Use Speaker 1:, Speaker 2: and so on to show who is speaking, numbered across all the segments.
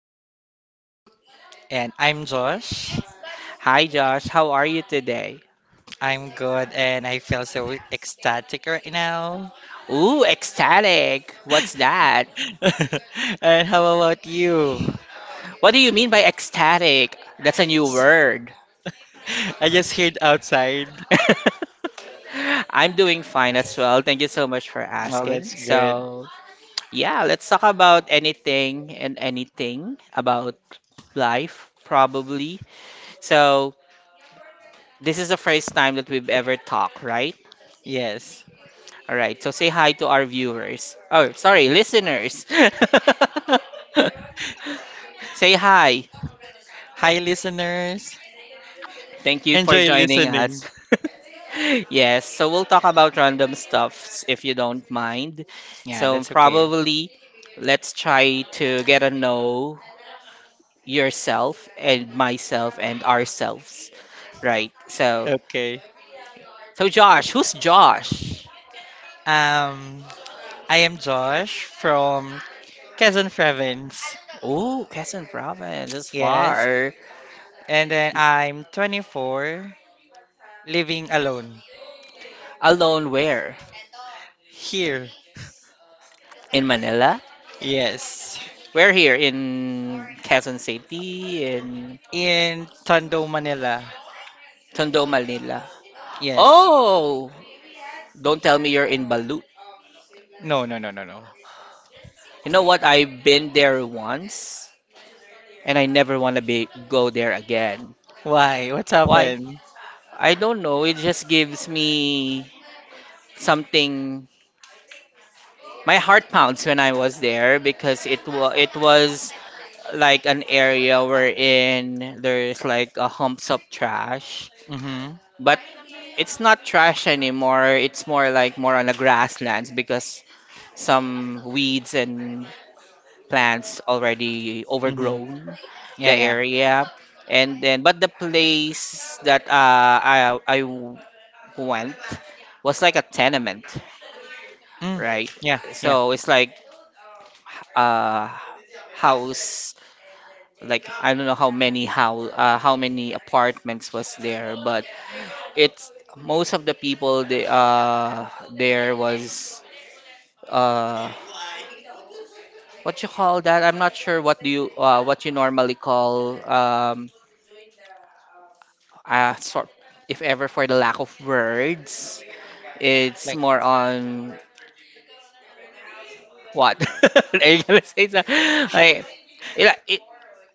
Speaker 1: co-host.
Speaker 2: And I'm Josh.
Speaker 1: Hi, Josh. How are you today?
Speaker 2: I'm good and I feel so ecstatic right now.
Speaker 1: Ooh, ecstatic. What's that?
Speaker 2: And how about you?
Speaker 1: What do you mean by ecstatic? That's a new word.
Speaker 2: I just heard outside.
Speaker 1: I'm doing fine as well. Thank you so much for
Speaker 2: Oh, that's
Speaker 1: asking.
Speaker 2: good.
Speaker 1: So, yeah, let's talk about anything and anything about life, probably. So, this is the first time that we've ever talked, right?
Speaker 2: Yes.
Speaker 1: All right, so say hi to our viewers. Oh, sorry, listeners. Say hi.
Speaker 2: Hi, listeners.
Speaker 1: Thank you for
Speaker 2: Enjoy
Speaker 1: joining
Speaker 2: listening.
Speaker 1: us. Yes, so we'll talk about random stuffs if you don't mind.
Speaker 2: Yeah,
Speaker 1: So
Speaker 2: that's okay.
Speaker 1: probably let's try to get to know yourself and myself and ourselves. Right. So
Speaker 2: Okay.
Speaker 1: so Josh, who's Josh?
Speaker 2: Um, I am Josh from Quezon Province.
Speaker 1: Oh, Quezon Province is
Speaker 2: Yes.
Speaker 1: far.
Speaker 2: And then I'm 24, living alone
Speaker 1: Alone where?
Speaker 2: here.
Speaker 1: In Manila?
Speaker 2: Yes.
Speaker 1: We're here in Quezon City, in
Speaker 2: In Tondo, Manila.
Speaker 1: Tondo, Manila.
Speaker 2: Yes.
Speaker 1: Oh, don't tell me you're in Balut.
Speaker 2: No, no, no, no, no.
Speaker 1: You know what? I've been there once, and I never want to be go there again.
Speaker 2: Why? What's
Speaker 1: Why?
Speaker 2: happened?
Speaker 1: I don't know. It just gives me something, my heart pounds when I was there because it was like an area wherein there's like a humps of trash,
Speaker 2: Mm-hmm.
Speaker 1: but it's not trash anymore. It's more like more on the grasslands because some weeds and plants already
Speaker 2: Mm-hmm.
Speaker 1: overgrown the
Speaker 2: Yeah, yeah.
Speaker 1: area. And then, but the place that I went was like a tenement,
Speaker 2: Mm.
Speaker 1: right?
Speaker 2: Yeah, yeah.
Speaker 1: So it's like uh house, like I don't know how many how many apartments was there, but it's most of the people they there was, uh what you call that, I'm not sure what do you, what you normally call, sort, if ever, for the lack of words, it's
Speaker 2: Like,
Speaker 1: more on what. Are you gonna like it,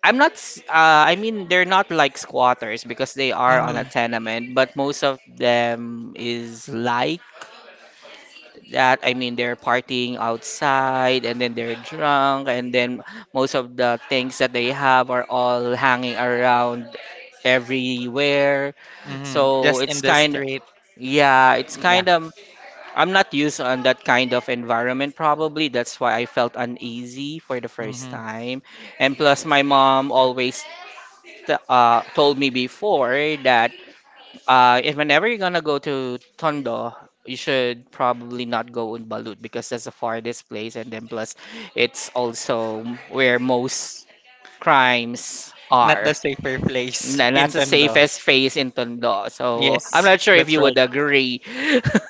Speaker 1: I'm not, I mean, they're not like squatters because they are on a
Speaker 2: mm-hmm.
Speaker 1: tenement, but most of them is like that. I mean, they're partying outside and then they're drunk, and then most of the things that they have are all hanging around everywhere.
Speaker 2: Mm-hmm.
Speaker 1: So
Speaker 2: Just in
Speaker 1: it's
Speaker 2: the
Speaker 1: kind
Speaker 2: street.
Speaker 1: yeah, it's
Speaker 2: Yeah.
Speaker 1: kind of, I'm not used on that kind of environment probably. That's why I felt uneasy for the first
Speaker 2: Mm-hmm.
Speaker 1: time. And plus, my mom always told me before that, if whenever you're gonna go to Tondo, you should probably not go on Balut because that's the farthest place, and then plus it's also where most crimes
Speaker 2: Not the
Speaker 1: are.
Speaker 2: safer place
Speaker 1: And
Speaker 2: in
Speaker 1: that's the
Speaker 2: Tondo.
Speaker 1: safest face in Tondo. So I'm
Speaker 2: Yes,
Speaker 1: not sure if
Speaker 2: that's
Speaker 1: you would
Speaker 2: right.
Speaker 1: agree.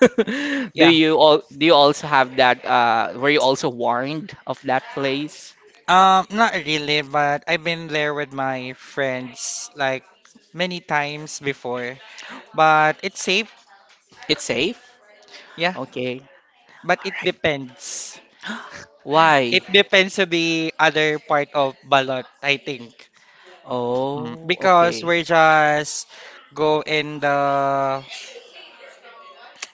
Speaker 2: Yeah.
Speaker 1: Do you also have that, were you also warned of that place?
Speaker 2: Not really, but I've been there with my friends like many times before. But it's safe.
Speaker 1: It's safe?
Speaker 2: Yeah.
Speaker 1: Okay.
Speaker 2: But
Speaker 1: All
Speaker 2: it
Speaker 1: right.
Speaker 2: depends.
Speaker 1: Why?
Speaker 2: It depends to the other part of ballot, I think. Mm,
Speaker 1: Oh,
Speaker 2: because
Speaker 1: okay.
Speaker 2: we're just go in the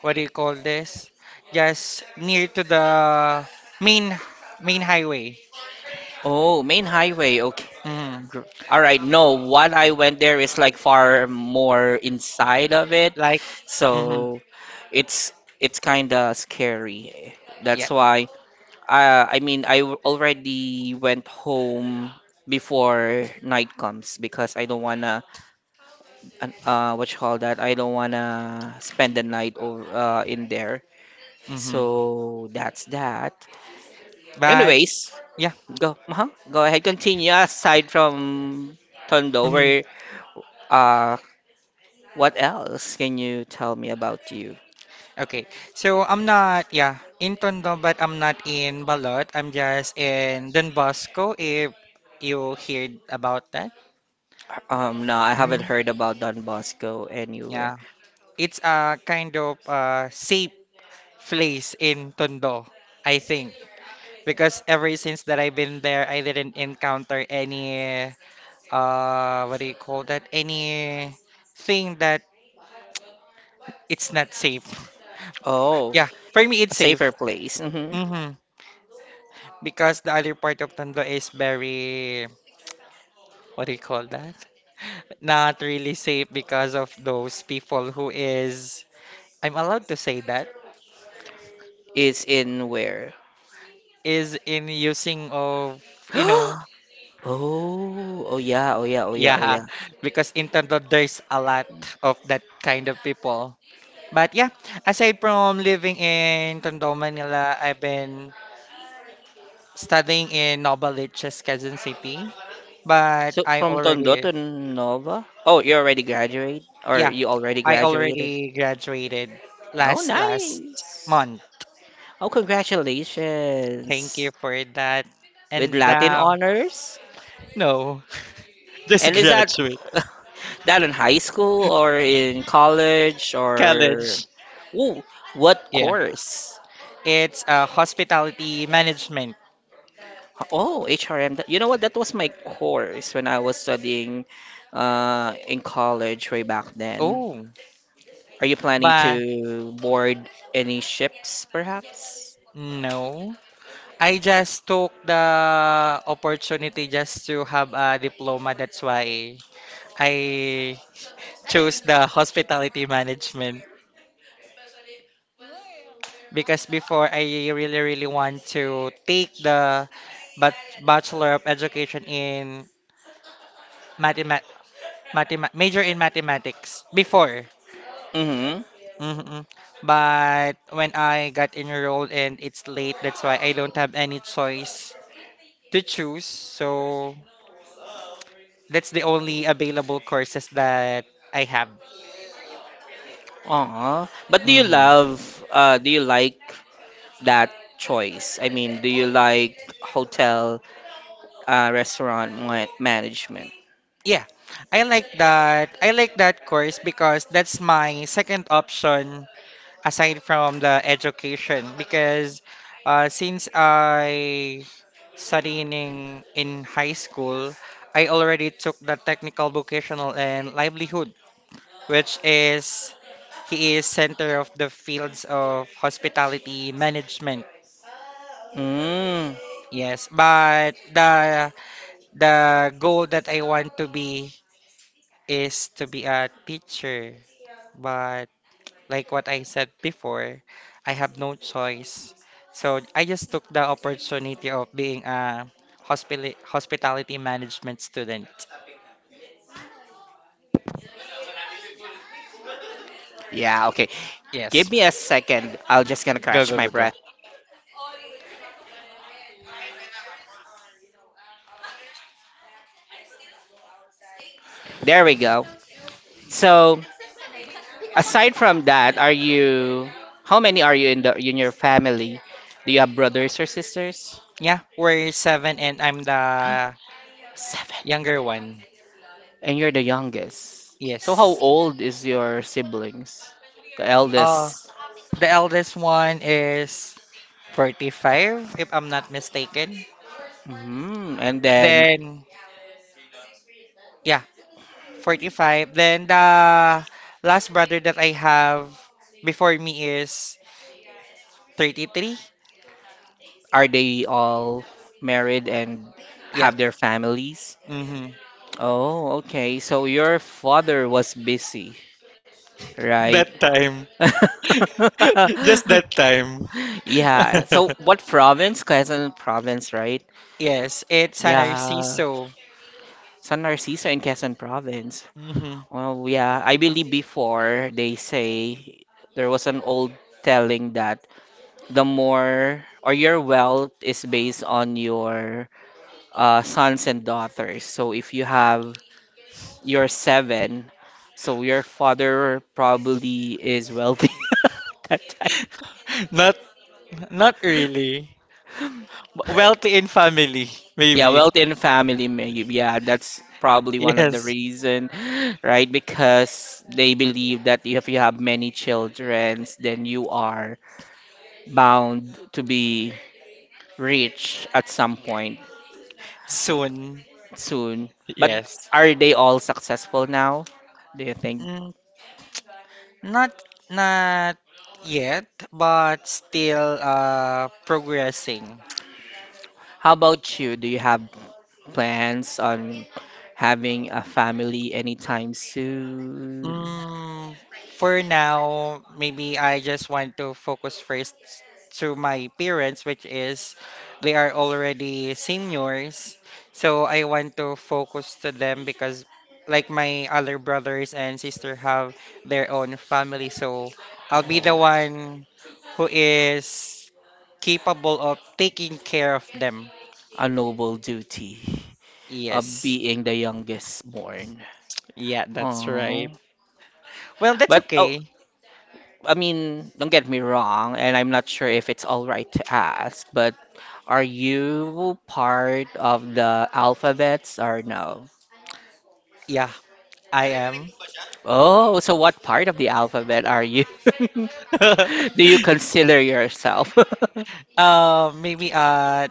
Speaker 2: what do you call this? Just near to the main main highway.
Speaker 1: Oh, main highway. Okay.
Speaker 2: hmm
Speaker 1: Gr- All right. No, what I went there is like far more inside of it.
Speaker 2: Like hmm
Speaker 1: So it's it's kind of scary.
Speaker 2: yeah.
Speaker 1: That's why, I mean I already went home before night comes because I don't wanna what you call that? I don't wanna spend the night over in there.
Speaker 2: hmm
Speaker 1: So that's that.
Speaker 2: But
Speaker 1: Anyways,
Speaker 2: yeah.
Speaker 1: Uh-huh. Go ahead, continue. Aside from Tondo,
Speaker 2: hmm
Speaker 1: where, uh, what else can you tell me about you?
Speaker 2: Okay. So I'm not yeah in Tondo, but I'm not in Balot. I'm just in Don Bosco. If you heard about that.
Speaker 1: No, I haven't
Speaker 2: hmm
Speaker 1: heard about Don Bosco anywhere.
Speaker 2: Yeah. It's a kind of safe place in Tondo, I think. Because ever since that I've been there, I didn't encounter any, what do you call that? Any thing that it's not safe.
Speaker 1: Oh,
Speaker 2: Yeah, for me,
Speaker 1: a
Speaker 2: it's
Speaker 1: safer
Speaker 2: safe.
Speaker 1: place. Mm-hmm.
Speaker 2: hmm Because the other part of Tondo is very, what do you call that? Not really safe because of those people who is, I'm allowed to say that,
Speaker 1: Is in where?
Speaker 2: is in using of, you know.
Speaker 1: Oh, oh yeah, oh yeah, oh yeah, oh
Speaker 2: Yeah,
Speaker 1: yeah.
Speaker 2: because in Tondo there's a lot of that kind of people. But yeah, aside from living in Tondo, Manila, I've been studying in Novaliches, Quezon City. But
Speaker 1: So
Speaker 2: I
Speaker 1: from Tondo
Speaker 2: already,
Speaker 1: to Nova? Oh, you already graduate, or
Speaker 2: yeah,
Speaker 1: you already
Speaker 2: I
Speaker 1: graduated?
Speaker 2: already graduated
Speaker 1: Oh,
Speaker 2: last
Speaker 1: nice.
Speaker 2: month.
Speaker 1: Oh,
Speaker 2: Thank you
Speaker 1: congratulations
Speaker 2: for that.
Speaker 1: with
Speaker 2: And
Speaker 1: Latin
Speaker 2: now,
Speaker 1: honors.
Speaker 2: no, just
Speaker 1: And is that
Speaker 2: graduate
Speaker 1: that in high school or in college or
Speaker 2: college.
Speaker 1: ooh, what
Speaker 2: Yeah,
Speaker 1: course?
Speaker 2: it's hospitality management.
Speaker 1: Oh, HRM. You know what? That was my course when I was studying, in college way back then.
Speaker 2: Oh,
Speaker 1: Are you planning
Speaker 2: but
Speaker 1: to board any ships, perhaps?
Speaker 2: no, I just took the opportunity just to have a diploma. That's why I chose the hospitality management because before I really, really want to take the but Bachelor of Education in mathemat mathema major in mathematics before.
Speaker 1: Mm-hmm.
Speaker 2: hmm But when I got enrolled and it's late, that's why I don't have any choice to choose. So that's the only available courses that I have.
Speaker 1: Aw. But
Speaker 2: hmm
Speaker 1: do you like that choice? I mean, do you like hotel, restaurant management?
Speaker 2: Yeah, I like that. I like that course because that's my second option aside from the education. Because since I studying in high school, I already took the technical vocational and livelihood, which is he is center of the fields of hospitality management.
Speaker 1: Mm,
Speaker 2: Yes, but the goal that I want to be is to be a teacher, but like what I said before, I have no choice. So I just took the opportunity of being a hospitality management student.
Speaker 1: yeah, okay. Give
Speaker 2: Yes.
Speaker 1: me a second. I'll just gonna
Speaker 2: Go,
Speaker 1: catch
Speaker 2: go,
Speaker 1: my
Speaker 2: go, go.
Speaker 1: breath. There we go. So, aside from that, are you how many are you in the in your family? Do you have brothers or sisters?
Speaker 2: Yeah, we're seven and I'm the
Speaker 1: Seven.
Speaker 2: younger one.
Speaker 1: And you're the youngest. So how
Speaker 2: Yes.
Speaker 1: old is your siblings? The
Speaker 2: Uh,
Speaker 1: eldest.
Speaker 2: the eldest one is 45, if I'm not mistaken.
Speaker 1: Hmm. And then
Speaker 2: Then, yeah, 45. Then the last brother that I have before me is 33.
Speaker 1: are they all married and
Speaker 2: Yeah.
Speaker 1: have their families?
Speaker 2: Mm-hmm.
Speaker 1: Oh, okay. So your father was busy, right?
Speaker 2: That time. Just that time.
Speaker 1: Yeah. So what province? Quezon province, right?
Speaker 2: Yes, it's an
Speaker 1: Yeah.
Speaker 2: Narciso.
Speaker 1: San Narciso in Quezon province.
Speaker 2: Mm-hmm.
Speaker 1: Well, yeah, I believe before they say there was an old telling that the more or your wealth is based on your, sons and daughters. So if you have your seven, so your father probably is wealthy at that time.
Speaker 2: Not not really. Wealthy in family,
Speaker 1: Yeah,
Speaker 2: maybe.
Speaker 1: wealth in family, maybe. Yeah, that's probably one of the
Speaker 2: Yes.
Speaker 1: reason, right? Because they believe that if you have many children, then you are bound to be rich at some point
Speaker 2: Soon.
Speaker 1: soon. But
Speaker 2: Yes.
Speaker 1: are they all successful now? Do you think?
Speaker 2: Mm, not not yet, but still progressing.
Speaker 1: How about you? Do you have plans on having a family anytime soon?
Speaker 2: Mm, for now, maybe I just want to focus first to my parents, which is they are already seniors. So I want to focus to them because like my other brothers and sister have their own family. So I'll be the
Speaker 1: Oh,
Speaker 2: one who is capable of taking care of them.
Speaker 1: a noble duty of
Speaker 2: Yes.
Speaker 1: being the youngest born.
Speaker 2: Yeah, that's
Speaker 1: Oh.
Speaker 2: right. Well, that's
Speaker 1: But oh,
Speaker 2: okay.
Speaker 1: I mean, don't get me wrong, and I'm not sure if it's all right to ask, but are you part of the alphabets or no?
Speaker 2: Yeah, I am.
Speaker 1: Oh, so what part of the alphabet are you? Do you consider yourself?
Speaker 2: Maybe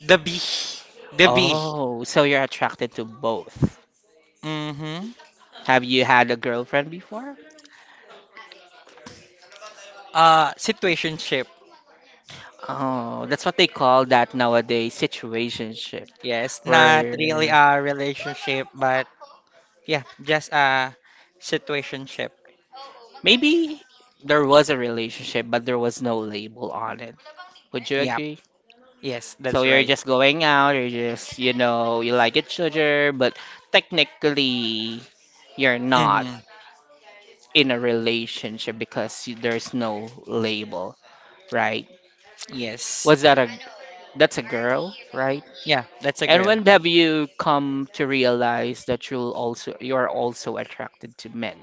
Speaker 2: the B, the B.
Speaker 1: Oh, so you're attracted to both.
Speaker 2: Mm-hmm.
Speaker 1: Have you had a girlfriend before?
Speaker 2: Situationship.
Speaker 1: Oh, that's what they call that nowadays, situationship,
Speaker 2: Yes, not really
Speaker 1: where
Speaker 2: a relationship, but yeah, just a situationship.
Speaker 1: maybe there was a relationship, but there was no label on it. Would you
Speaker 2: Yeah.
Speaker 1: agree?
Speaker 2: Yes,
Speaker 1: So
Speaker 2: that's
Speaker 1: you're
Speaker 2: right.
Speaker 1: just going out, you're just, you like each other, but technically you're not
Speaker 2: Mm-hmm.
Speaker 1: in a relationship because there's no label, right?
Speaker 2: Yes.
Speaker 1: Was that a That's a girl, right?
Speaker 2: Yeah, that's a
Speaker 1: And
Speaker 2: girl.
Speaker 1: when have you come to realize that you're also attracted to men?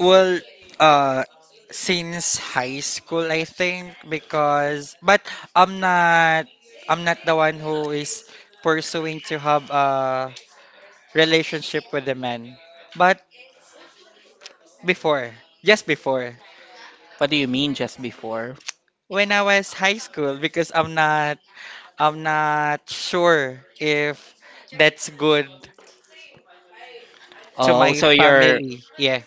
Speaker 2: Well, uh, since high school, I think, because but I'm not I'm not the one who is pursuing to have a relationship with a man. But before. Just before.
Speaker 1: What do you mean just before?
Speaker 2: When I was high school because I'm not sure if that's good to my
Speaker 1: Oh,
Speaker 2: family. Yeah.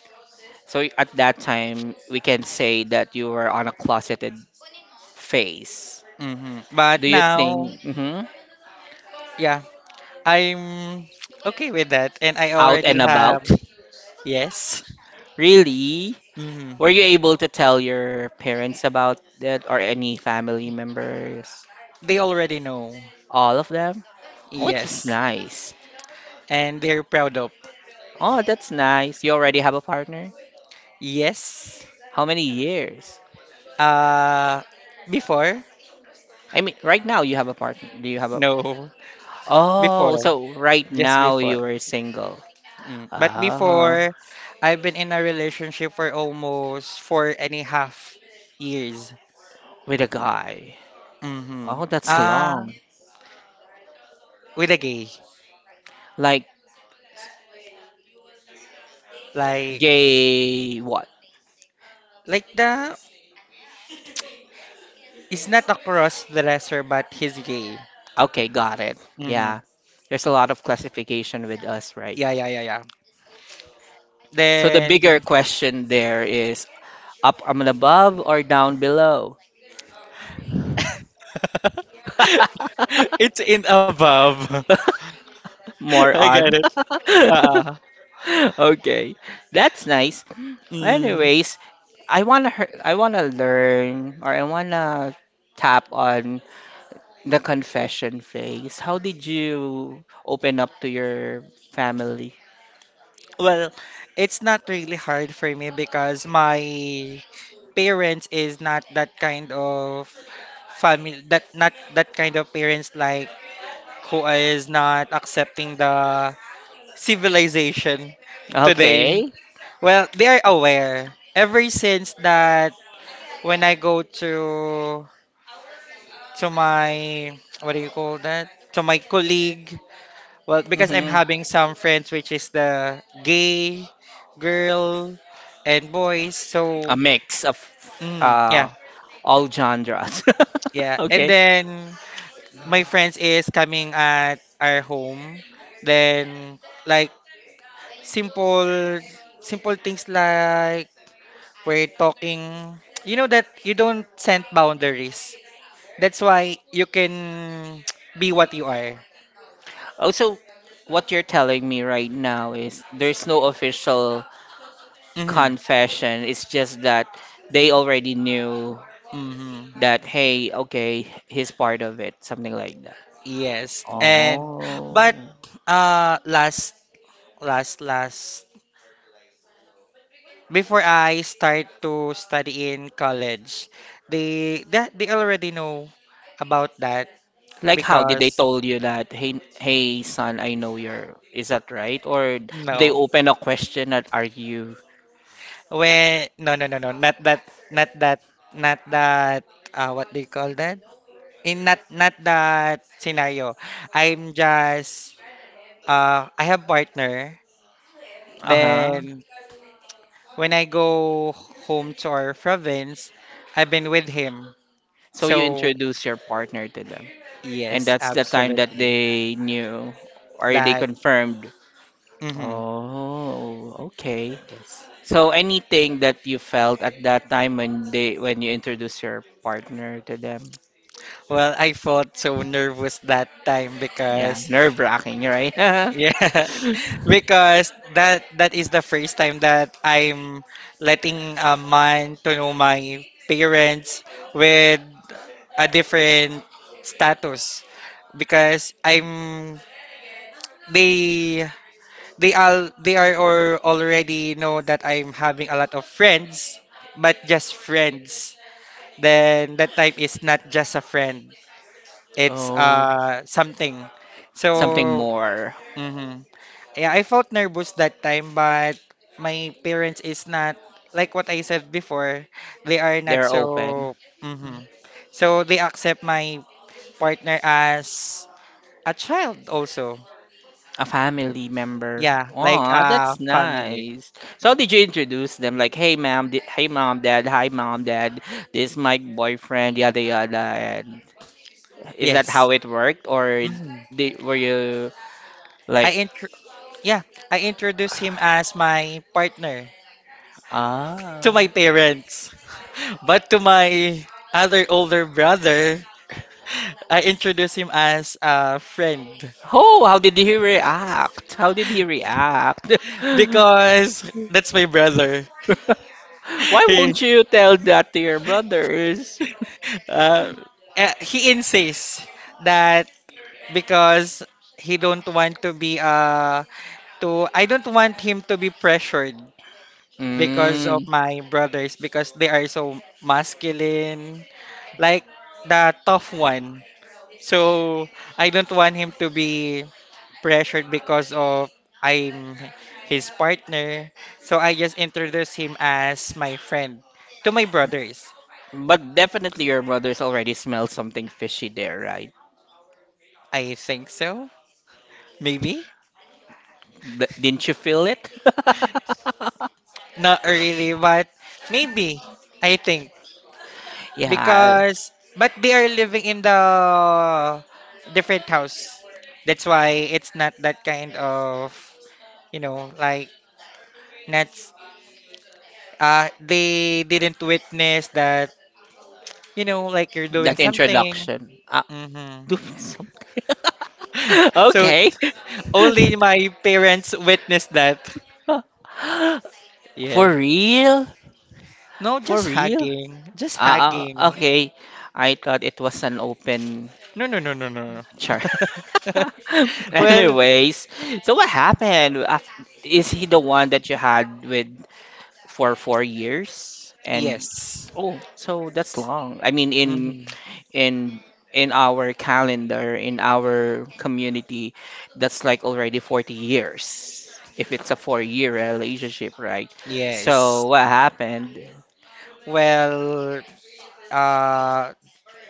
Speaker 1: so at that time, we can say that you were on a closeted phase.
Speaker 2: But
Speaker 1: Do you
Speaker 2: now,
Speaker 1: think, mhm,
Speaker 2: yeah, I'm okay with that and I
Speaker 1: out
Speaker 2: already
Speaker 1: and
Speaker 2: have
Speaker 1: about?
Speaker 2: yes.
Speaker 1: Really?
Speaker 2: hmm
Speaker 1: Were you able to tell your parents about that or any family members?
Speaker 2: They already know.
Speaker 1: All of them? Oh, it was
Speaker 2: Yes.
Speaker 1: nice.
Speaker 2: And they're proud of.
Speaker 1: Oh, that's nice. You already have a partner?
Speaker 2: Yes.
Speaker 1: How many years?
Speaker 2: Uh before?
Speaker 1: I mean, right now you have a partner. Do you have a.
Speaker 2: No. Before.
Speaker 1: Oh, so right
Speaker 2: Just
Speaker 1: now
Speaker 2: before.
Speaker 1: you are single.
Speaker 2: Mm. But
Speaker 1: Ah,
Speaker 2: before, I've been in a relationship for almost 4.5 years.
Speaker 1: with a guy.
Speaker 2: Mm-hmm.
Speaker 1: Oh, that's long.
Speaker 2: With a gay.
Speaker 1: Like
Speaker 2: Like,
Speaker 1: gay what?
Speaker 2: like the, it's not a cross-dresser, but he's gay.
Speaker 1: Okay, got it.
Speaker 2: Mm-hmm.
Speaker 1: Yeah. There's a lot of classification with us, right?
Speaker 2: Yeah, yeah, yeah, yeah.
Speaker 1: So the
Speaker 2: Then,
Speaker 1: bigger question there is up, and above or down below?
Speaker 2: it's in above.
Speaker 1: More
Speaker 2: I got
Speaker 1: on.
Speaker 2: it. Uh-uh.
Speaker 1: Okay. That's nice.
Speaker 2: Mm.
Speaker 1: Anyways, I wanna learn, or I wanna tap on the confession phase. How did you open up to your family?
Speaker 2: Well, it's not really hard for me because my parents is not that kind of family that not that kind of parents like who is not accepting the civilization today.
Speaker 1: Okay.
Speaker 2: Well, they are aware ever since that when I go to my what do you call that? To my colleague. Well, because I'm
Speaker 1: hmm
Speaker 2: having some friends which is the gay girl and boys.
Speaker 1: A
Speaker 2: So,
Speaker 1: mix of,
Speaker 2: mm,
Speaker 1: uh,
Speaker 2: yeah,
Speaker 1: all genres.
Speaker 2: yeah. And
Speaker 1: Okay.
Speaker 2: then my friends is coming at our home. Then like simple simple things like we're talking. You know that you don't set boundaries. That's why you can be what you are.
Speaker 1: Also, what you're telling me right now is there's no official
Speaker 2: Mhm.
Speaker 1: confession. It's just that they already knew
Speaker 2: Mhm.
Speaker 1: that, hey, okay, he's part of it, something like that.
Speaker 2: Yes. And
Speaker 1: Oh.
Speaker 2: but uh last last before I start to study in college, they that they already know about that
Speaker 1: Like how did they
Speaker 2: because
Speaker 1: told you that, hey, hey, son, I know you're. Is that right? Or did they
Speaker 2: no
Speaker 1: open a question that are you?
Speaker 2: when no, no, no, no, not that not that not that what do you call that in not not that scenario. I'm just I have partner
Speaker 1: Uh huh.
Speaker 2: then when I go home to our province I've been with him
Speaker 1: So you
Speaker 2: so
Speaker 1: introduce your partner to them. And
Speaker 2: yes
Speaker 1: that's the time that
Speaker 2: absolutely
Speaker 1: they knew or they
Speaker 2: that.
Speaker 1: confirmed.
Speaker 2: hmm
Speaker 1: Oh, okay.
Speaker 2: Yes.
Speaker 1: So anything that you felt at that time when you introduce your partner to them?
Speaker 2: Well, I felt so nervous that time
Speaker 1: Yeah,
Speaker 2: because
Speaker 1: nerve-wracking, right?
Speaker 2: yeah, because that is the first time that I'm letting a man to know my parents with a different status because I'm they they all they are or already know that I'm having a lot of friends, but just friends. Then that type is not just a friend. It's
Speaker 1: Oh,
Speaker 2: something.
Speaker 1: something
Speaker 2: So,
Speaker 1: more.
Speaker 2: hmm yeah, I felt nervous that time, but my parents is not like what I said before. They are not
Speaker 1: They're open.
Speaker 2: so. hmm So they accept my partner as a child also.
Speaker 1: A family member.
Speaker 2: Yeah, like
Speaker 1: Aw,
Speaker 2: a
Speaker 1: that's
Speaker 2: family.
Speaker 1: nice. So how did you introduce them? Like, hey mom, dad, hi mom, dad. This is my boyfriend, yada yada. And is that
Speaker 2: Yes.
Speaker 1: how it worked, or
Speaker 2: hmm
Speaker 1: were you like,
Speaker 2: I intro yeah, I introduced him as my partner
Speaker 1: ah,
Speaker 2: to my parents, but to my other older brother, I introduce him as a friend
Speaker 1: oh, how did he react? How did he react?
Speaker 2: because that's my brother.
Speaker 1: Why
Speaker 2: He
Speaker 1: won't you tell that to your brothers?
Speaker 2: uh, he insists that because he don't want to be to I don't want him to be pressured because
Speaker 1: Mm,
Speaker 2: of my brothers because they are so masculine like the tough one. So I don't want him to be pressured because of I'm his partner. So I just introduced him as my friend to my brothers.
Speaker 1: but definitely your brothers already smelled something fishy there, right?
Speaker 2: I think so. Maybe.
Speaker 1: Didn't you feel it?
Speaker 2: Not really, but maybe. I think.
Speaker 1: Yeah,
Speaker 2: Because, but they are living in the different house. That's why it's not that kind of, you know, like, not, s- they didn't witness that, you know, like you're doing
Speaker 1: that
Speaker 2: something.
Speaker 1: introduction. Ah,
Speaker 2: Mm-hmm.
Speaker 1: do something.
Speaker 2: So
Speaker 1: Okay.
Speaker 2: only my parents witnessed that.
Speaker 1: For
Speaker 2: Yeah.
Speaker 1: real?
Speaker 2: No,
Speaker 1: For
Speaker 2: just
Speaker 1: real?
Speaker 2: hugging. Just
Speaker 1: Ah, ah,
Speaker 2: hugging.
Speaker 1: okay. I thought it was an open
Speaker 2: No, no, no, no, no. No.
Speaker 1: chart.
Speaker 2: Well,
Speaker 1: Anyways, so what happened? Is he the one that you had with for 4 years? And
Speaker 2: yes.
Speaker 1: oh, so that's long. I mean,
Speaker 2: hmm
Speaker 1: in in our calendar, in our community, that's like already 40 years. If it's a four-year relationship, right?
Speaker 2: Yes.
Speaker 1: So what happened?
Speaker 2: Well, uh,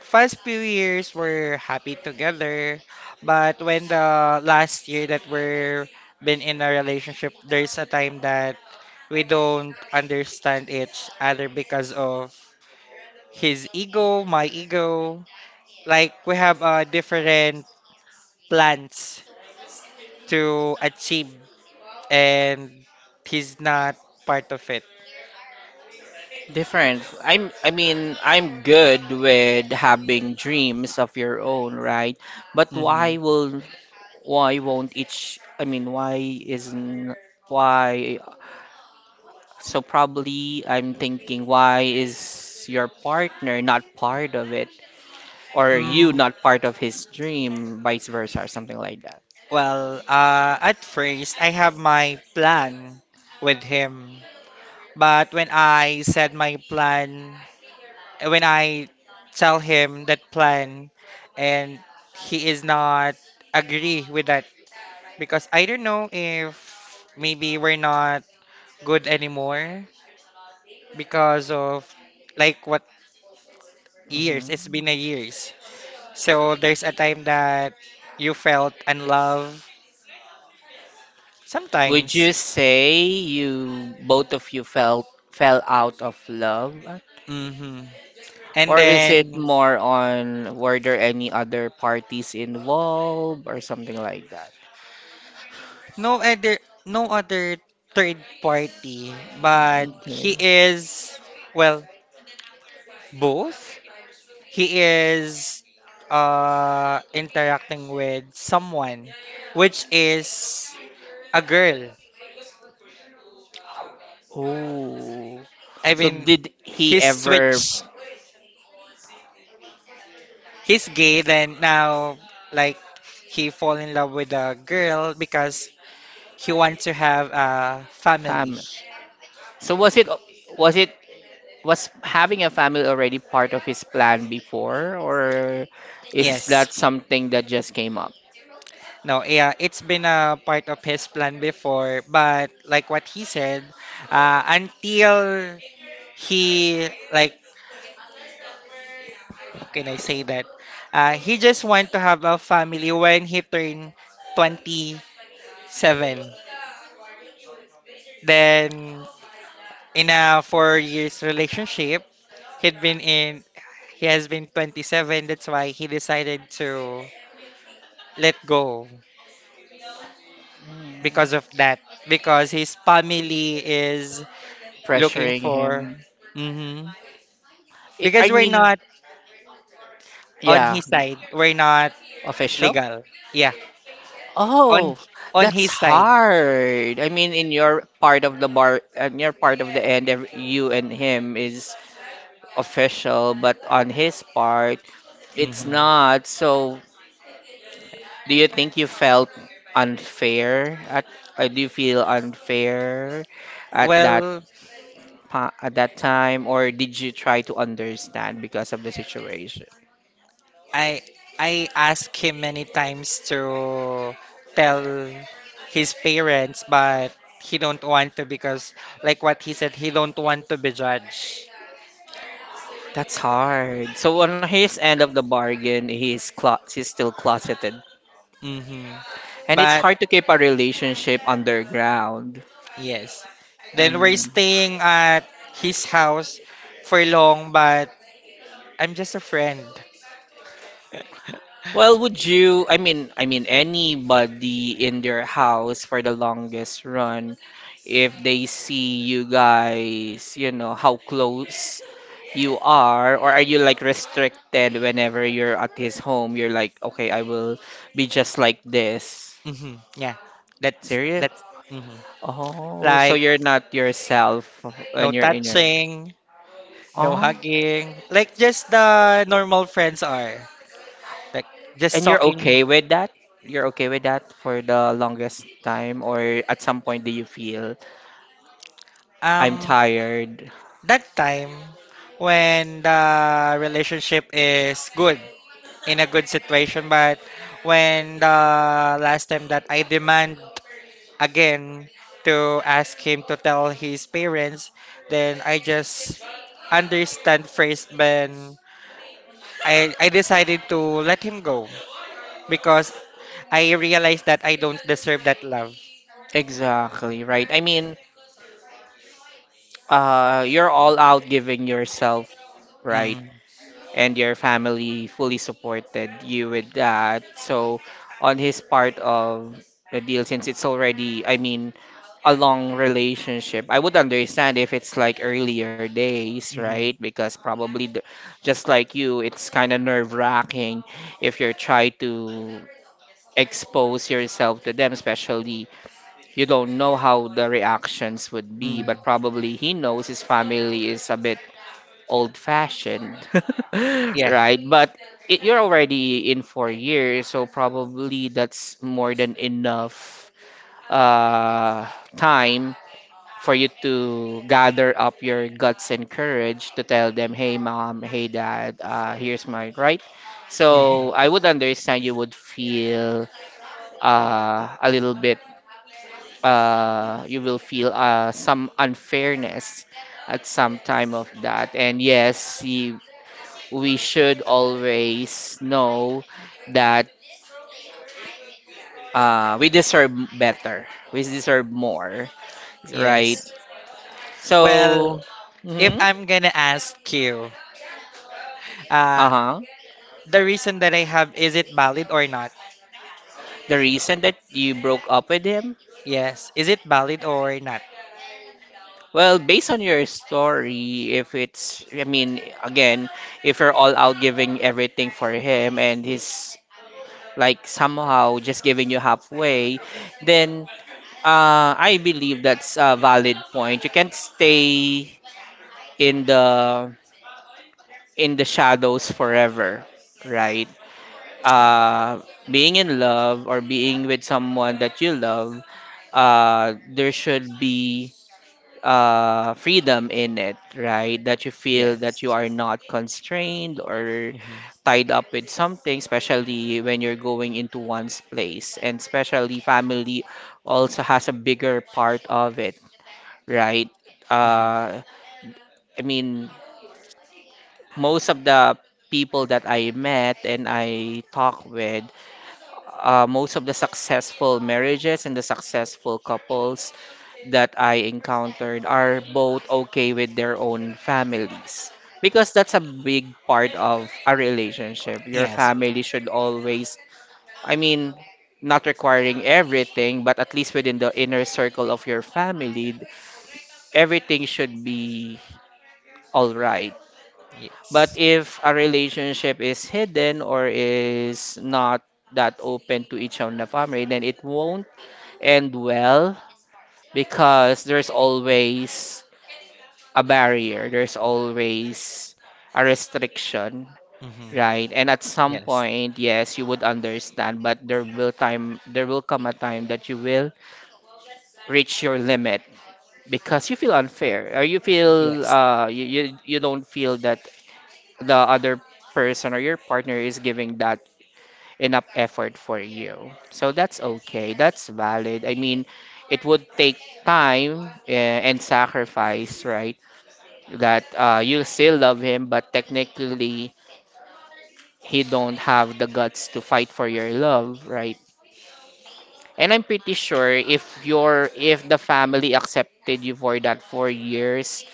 Speaker 2: first few years we're happy together, but when the last year that we're been in a relationship, there's a time that we don't understand each other because of his ego, my ego. Like we have different plans to achieve, and he's not part of it.
Speaker 1: Different. I mean, I'm good with having dreams of your own, right? But
Speaker 2: hmm
Speaker 1: why won't, each I mean, why isn't why so probably I'm thinking, why is your partner not part of it? Or you
Speaker 2: Mm,
Speaker 1: not part of his dream, vice versa, or something like that.
Speaker 2: well, at first, I have my plan with him. But when I said my plan, when I tell him that plan, and he is not agree with that because I don't know if maybe we're not good anymore because of like what
Speaker 1: hmm
Speaker 2: years. It's been a years. So there's a time that you felt unloved
Speaker 1: Would
Speaker 2: sometimes.
Speaker 1: you say you both of you felt fell out of love,
Speaker 2: Mm-hmm. And
Speaker 1: or is it
Speaker 2: then
Speaker 1: more on were there any other parties involved or something like that?
Speaker 2: no other no other third party, but
Speaker 1: Okay.
Speaker 2: he is well both. He is interacting with someone which is a girl.
Speaker 1: Oh,
Speaker 2: I
Speaker 1: so
Speaker 2: mean
Speaker 1: did he
Speaker 2: his
Speaker 1: ever
Speaker 2: switch. He's gay then now like he fall in love with a girl because he wants to have a family.
Speaker 1: fam? So was it was having a family already part of his plan before, or is
Speaker 2: Yes.
Speaker 1: that something that just came up?
Speaker 2: No, yeah, it's been a part of his plan before, but like what he said, until he like how can I say that, he just want to have a family when he turned 27, then in a 4 years relationship he'd been in, he has been 27. That's why he decided to let go because
Speaker 1: Hmm.
Speaker 2: of that. Because his family is looking
Speaker 1: Pressuring
Speaker 2: for,
Speaker 1: him.
Speaker 2: hmm
Speaker 1: I
Speaker 2: because we're
Speaker 1: mean,
Speaker 2: not on
Speaker 1: yeah,
Speaker 2: his side. We're not
Speaker 1: official.
Speaker 2: legal. Yeah, on
Speaker 1: Oh, that's
Speaker 2: his side.
Speaker 1: hard. I mean, in your part of the bar, in your part of the end, you and him is official, but on his part, it's
Speaker 2: hmm
Speaker 1: not. So do you think you felt unfair at do you feel unfair at that
Speaker 2: Well,
Speaker 1: at that time, or did you try to understand because of the situation?
Speaker 2: I I asked him many times to tell his parents, but he don't want to because like what he said, he don't want to be judged.
Speaker 1: That's hard. So on his end of the bargain, he's still closeted.
Speaker 2: hmm
Speaker 1: And it's
Speaker 2: But
Speaker 1: hard to keep a relationship underground.
Speaker 2: yes. Then we're
Speaker 1: Mm.
Speaker 2: staying at his house for long, but I'm just a friend.
Speaker 1: Well, would you, I mean anybody in their house for the longest run, if they see you guys, you know, how close you are, or are you like restricted whenever you're at his home? You're like, okay, I will be just like this.
Speaker 2: Yeah. That's
Speaker 1: Serious?
Speaker 2: that's hmm
Speaker 1: Oh, so
Speaker 2: like
Speaker 1: you're not yourself when
Speaker 2: no
Speaker 1: you're in your
Speaker 2: touching, no
Speaker 1: Oh,
Speaker 2: hugging, like just the normal friends are. Like just
Speaker 1: and you're
Speaker 2: talking.
Speaker 1: okay with that? You're okay with that for the longest time, or at some point do you feel? I'm
Speaker 2: Um,
Speaker 1: tired.
Speaker 2: that time when the relationship is good, in a good situation, but when the last time that I demand again to ask him to tell his parents, then I just understand first, then I decided to let him go because I realized that I don't deserve that love.
Speaker 1: Exactly, right. I mean, you're all out giving yourself, right?
Speaker 2: Mm-hmm.
Speaker 1: And your family fully supported you with that. So, on his part of the deal, since it's already, I mean, a long relationship, I would understand if it's like earlier days,
Speaker 2: Mm-hmm.
Speaker 1: right? Because probably, the, just like you, it's kind of nerve-wracking if you're trying to expose yourself to them, especially you don't know how the reactions would be, but
Speaker 2: Mm-hmm.
Speaker 1: probably he knows his family is a bit old fashioned,
Speaker 2: Yeah.
Speaker 1: right? But it, you're already in 4 years, so probably that's more than enough uh, time for you to gather up your guts and courage to tell them, hey, mom, hey, dad, here's my right.
Speaker 2: Mm-hmm.
Speaker 1: So I would understand you would feel a little bit you will feel some unfairness at some time of that. And yes, we should always know that we deserve better. We deserve more, right?
Speaker 2: Yes. Well,
Speaker 1: So,
Speaker 2: if
Speaker 1: mhm,
Speaker 2: I'm gonna ask you, uh,
Speaker 1: uh-huh.
Speaker 2: the reason that I have, is it valid or not?
Speaker 1: The reason that you broke up with him?
Speaker 2: Yes. Is it valid or not?
Speaker 1: Well, based on your story, if it's, I mean, again, if you're all out giving everything for him and he's like somehow just giving you halfway, then I believe that's a valid point. You can't stay in the in the shadows forever, right?
Speaker 2: Yeah.
Speaker 1: Uh, Being in love or being with someone that you love, there should be freedom in it, right? That you feel that you
Speaker 2: Yes.
Speaker 1: are not constrained or
Speaker 2: Mm-hmm.
Speaker 1: tied up with something, especially when you're going into one's place. And especially family also has a bigger part of it, right?
Speaker 2: Mm-hmm.
Speaker 1: Uh, I mean, most of the people that I met and I talk with most of the successful marriages and the successful couples that I encountered are both okay with their own families. Because that's a big part of a relationship. Your
Speaker 2: Yes.
Speaker 1: family should always, I mean, not requiring everything, but at least within the inner circle of your family, everything should be all right. But
Speaker 2: Yes.
Speaker 1: if a relationship is hidden or is not that open to each other in the family, then it won't end well because there's always a barrier, there's always a restriction,
Speaker 2: Mm-hmm.
Speaker 1: right? And at some
Speaker 2: Yes.
Speaker 1: point, yes, you would understand, but there will come a time that you will reach your limit because you feel unfair or you feel
Speaker 2: Yes.
Speaker 1: you don't feel that the other person or your partner is giving that enough effort for you. So that's okay. That's valid. I mean, it would take time and sacrifice, right? That you still love him, but technically he don't have the guts to fight for your love, right? And I'm pretty sure if the family accepted you for that 4 years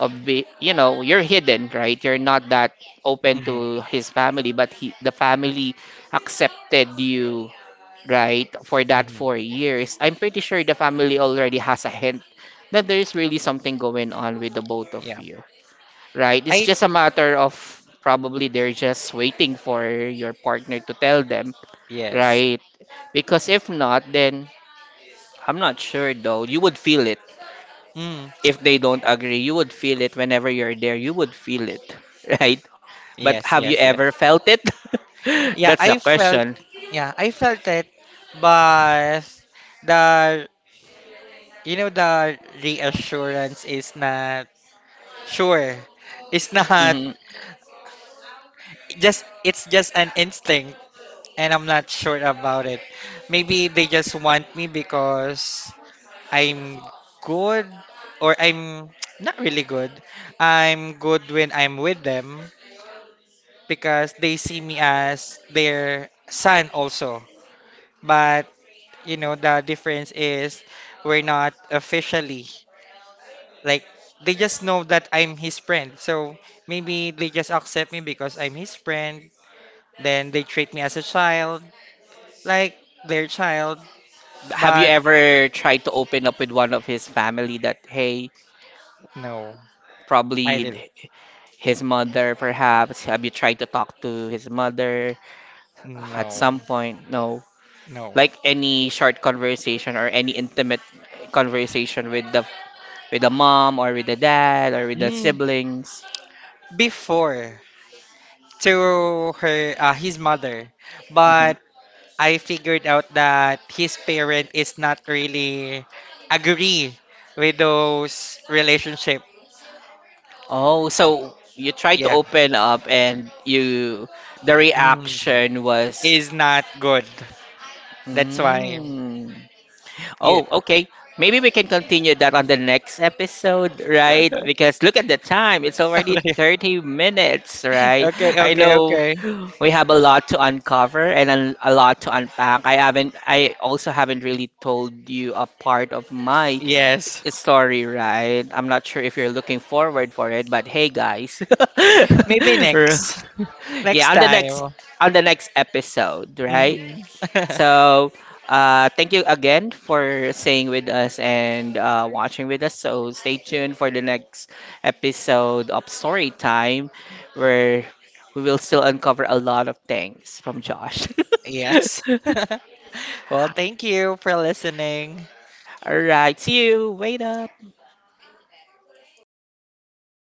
Speaker 1: of be, you know, you're hidden, right? You're not that open
Speaker 2: Mm-hmm.
Speaker 1: to his family, but he the family accepted you right, for that
Speaker 2: Mm-hmm.
Speaker 1: 4 years, I'm pretty sure the family already has a hint that there is really something going on with the both of
Speaker 2: Yeah.
Speaker 1: you, right?
Speaker 2: I
Speaker 1: It's just a matter of probably they're just waiting for your partner to tell them,
Speaker 2: yes.
Speaker 1: right? Because if not, then I'm not sure though. You would feel it
Speaker 2: Mm.
Speaker 1: if they don't agree. You would feel it whenever you're there. You would feel it, right? But
Speaker 2: Yes,
Speaker 1: have you
Speaker 2: yes,
Speaker 1: ever
Speaker 2: yes.
Speaker 1: felt it?
Speaker 2: Yeah,
Speaker 1: That's the
Speaker 2: I felt
Speaker 1: question.
Speaker 2: yeah, I felt it, but the you know the reassurance is not sure. It's not
Speaker 1: Mhm.
Speaker 2: just it's just an instinct and I'm not sure about it. Maybe they just want me because I'm good or I'm not really good. I'm good when I'm with them because they see me as their son also. But you know the difference is we're not officially like they just know that I'm his friend. So maybe they just accept me because I'm his friend. Then they treat me as a child like their child,
Speaker 1: Have you
Speaker 2: but
Speaker 1: ever tried to open up with one of his family that, hey,
Speaker 2: no, I
Speaker 1: probably
Speaker 2: did
Speaker 1: his mother, perhaps? Have you tried to talk to his mother at
Speaker 2: no,
Speaker 1: some point? No.
Speaker 2: no.
Speaker 1: Like any short conversation or any intimate conversation with the mom or with the dad or with the
Speaker 2: Mm,
Speaker 1: siblings.
Speaker 2: before to her, his mother,
Speaker 1: Hmm.
Speaker 2: but I figured out that his parent is not really agree with those relationship.
Speaker 1: Oh, so you tried to
Speaker 2: Yeah,
Speaker 1: open up and you the
Speaker 2: mm,
Speaker 1: reaction was,
Speaker 2: is not good. That's why
Speaker 1: mm.
Speaker 2: you.
Speaker 1: Oh, okay. Maybe we can continue that on the next episode, right? Because look at the time. It's already
Speaker 2: Okay,
Speaker 1: 30 minutes, right? I know
Speaker 2: okay.
Speaker 1: we have a lot to uncover and a lot to unpack. I also haven't really told you a part of my
Speaker 2: Yes,
Speaker 1: story, right? I'm not sure if you're looking forward for it, but hey guys.
Speaker 2: maybe
Speaker 1: Yeah,
Speaker 2: next
Speaker 1: on the next
Speaker 2: time.
Speaker 1: episode, right?
Speaker 2: hmm
Speaker 1: So, thank you again for staying with us and watching with us. So, stay tuned for the next episode of Story Time, where we will still uncover a lot of things from Josh.
Speaker 2: Yes. Well, thank you for listening.
Speaker 1: All right, see you. Wait up.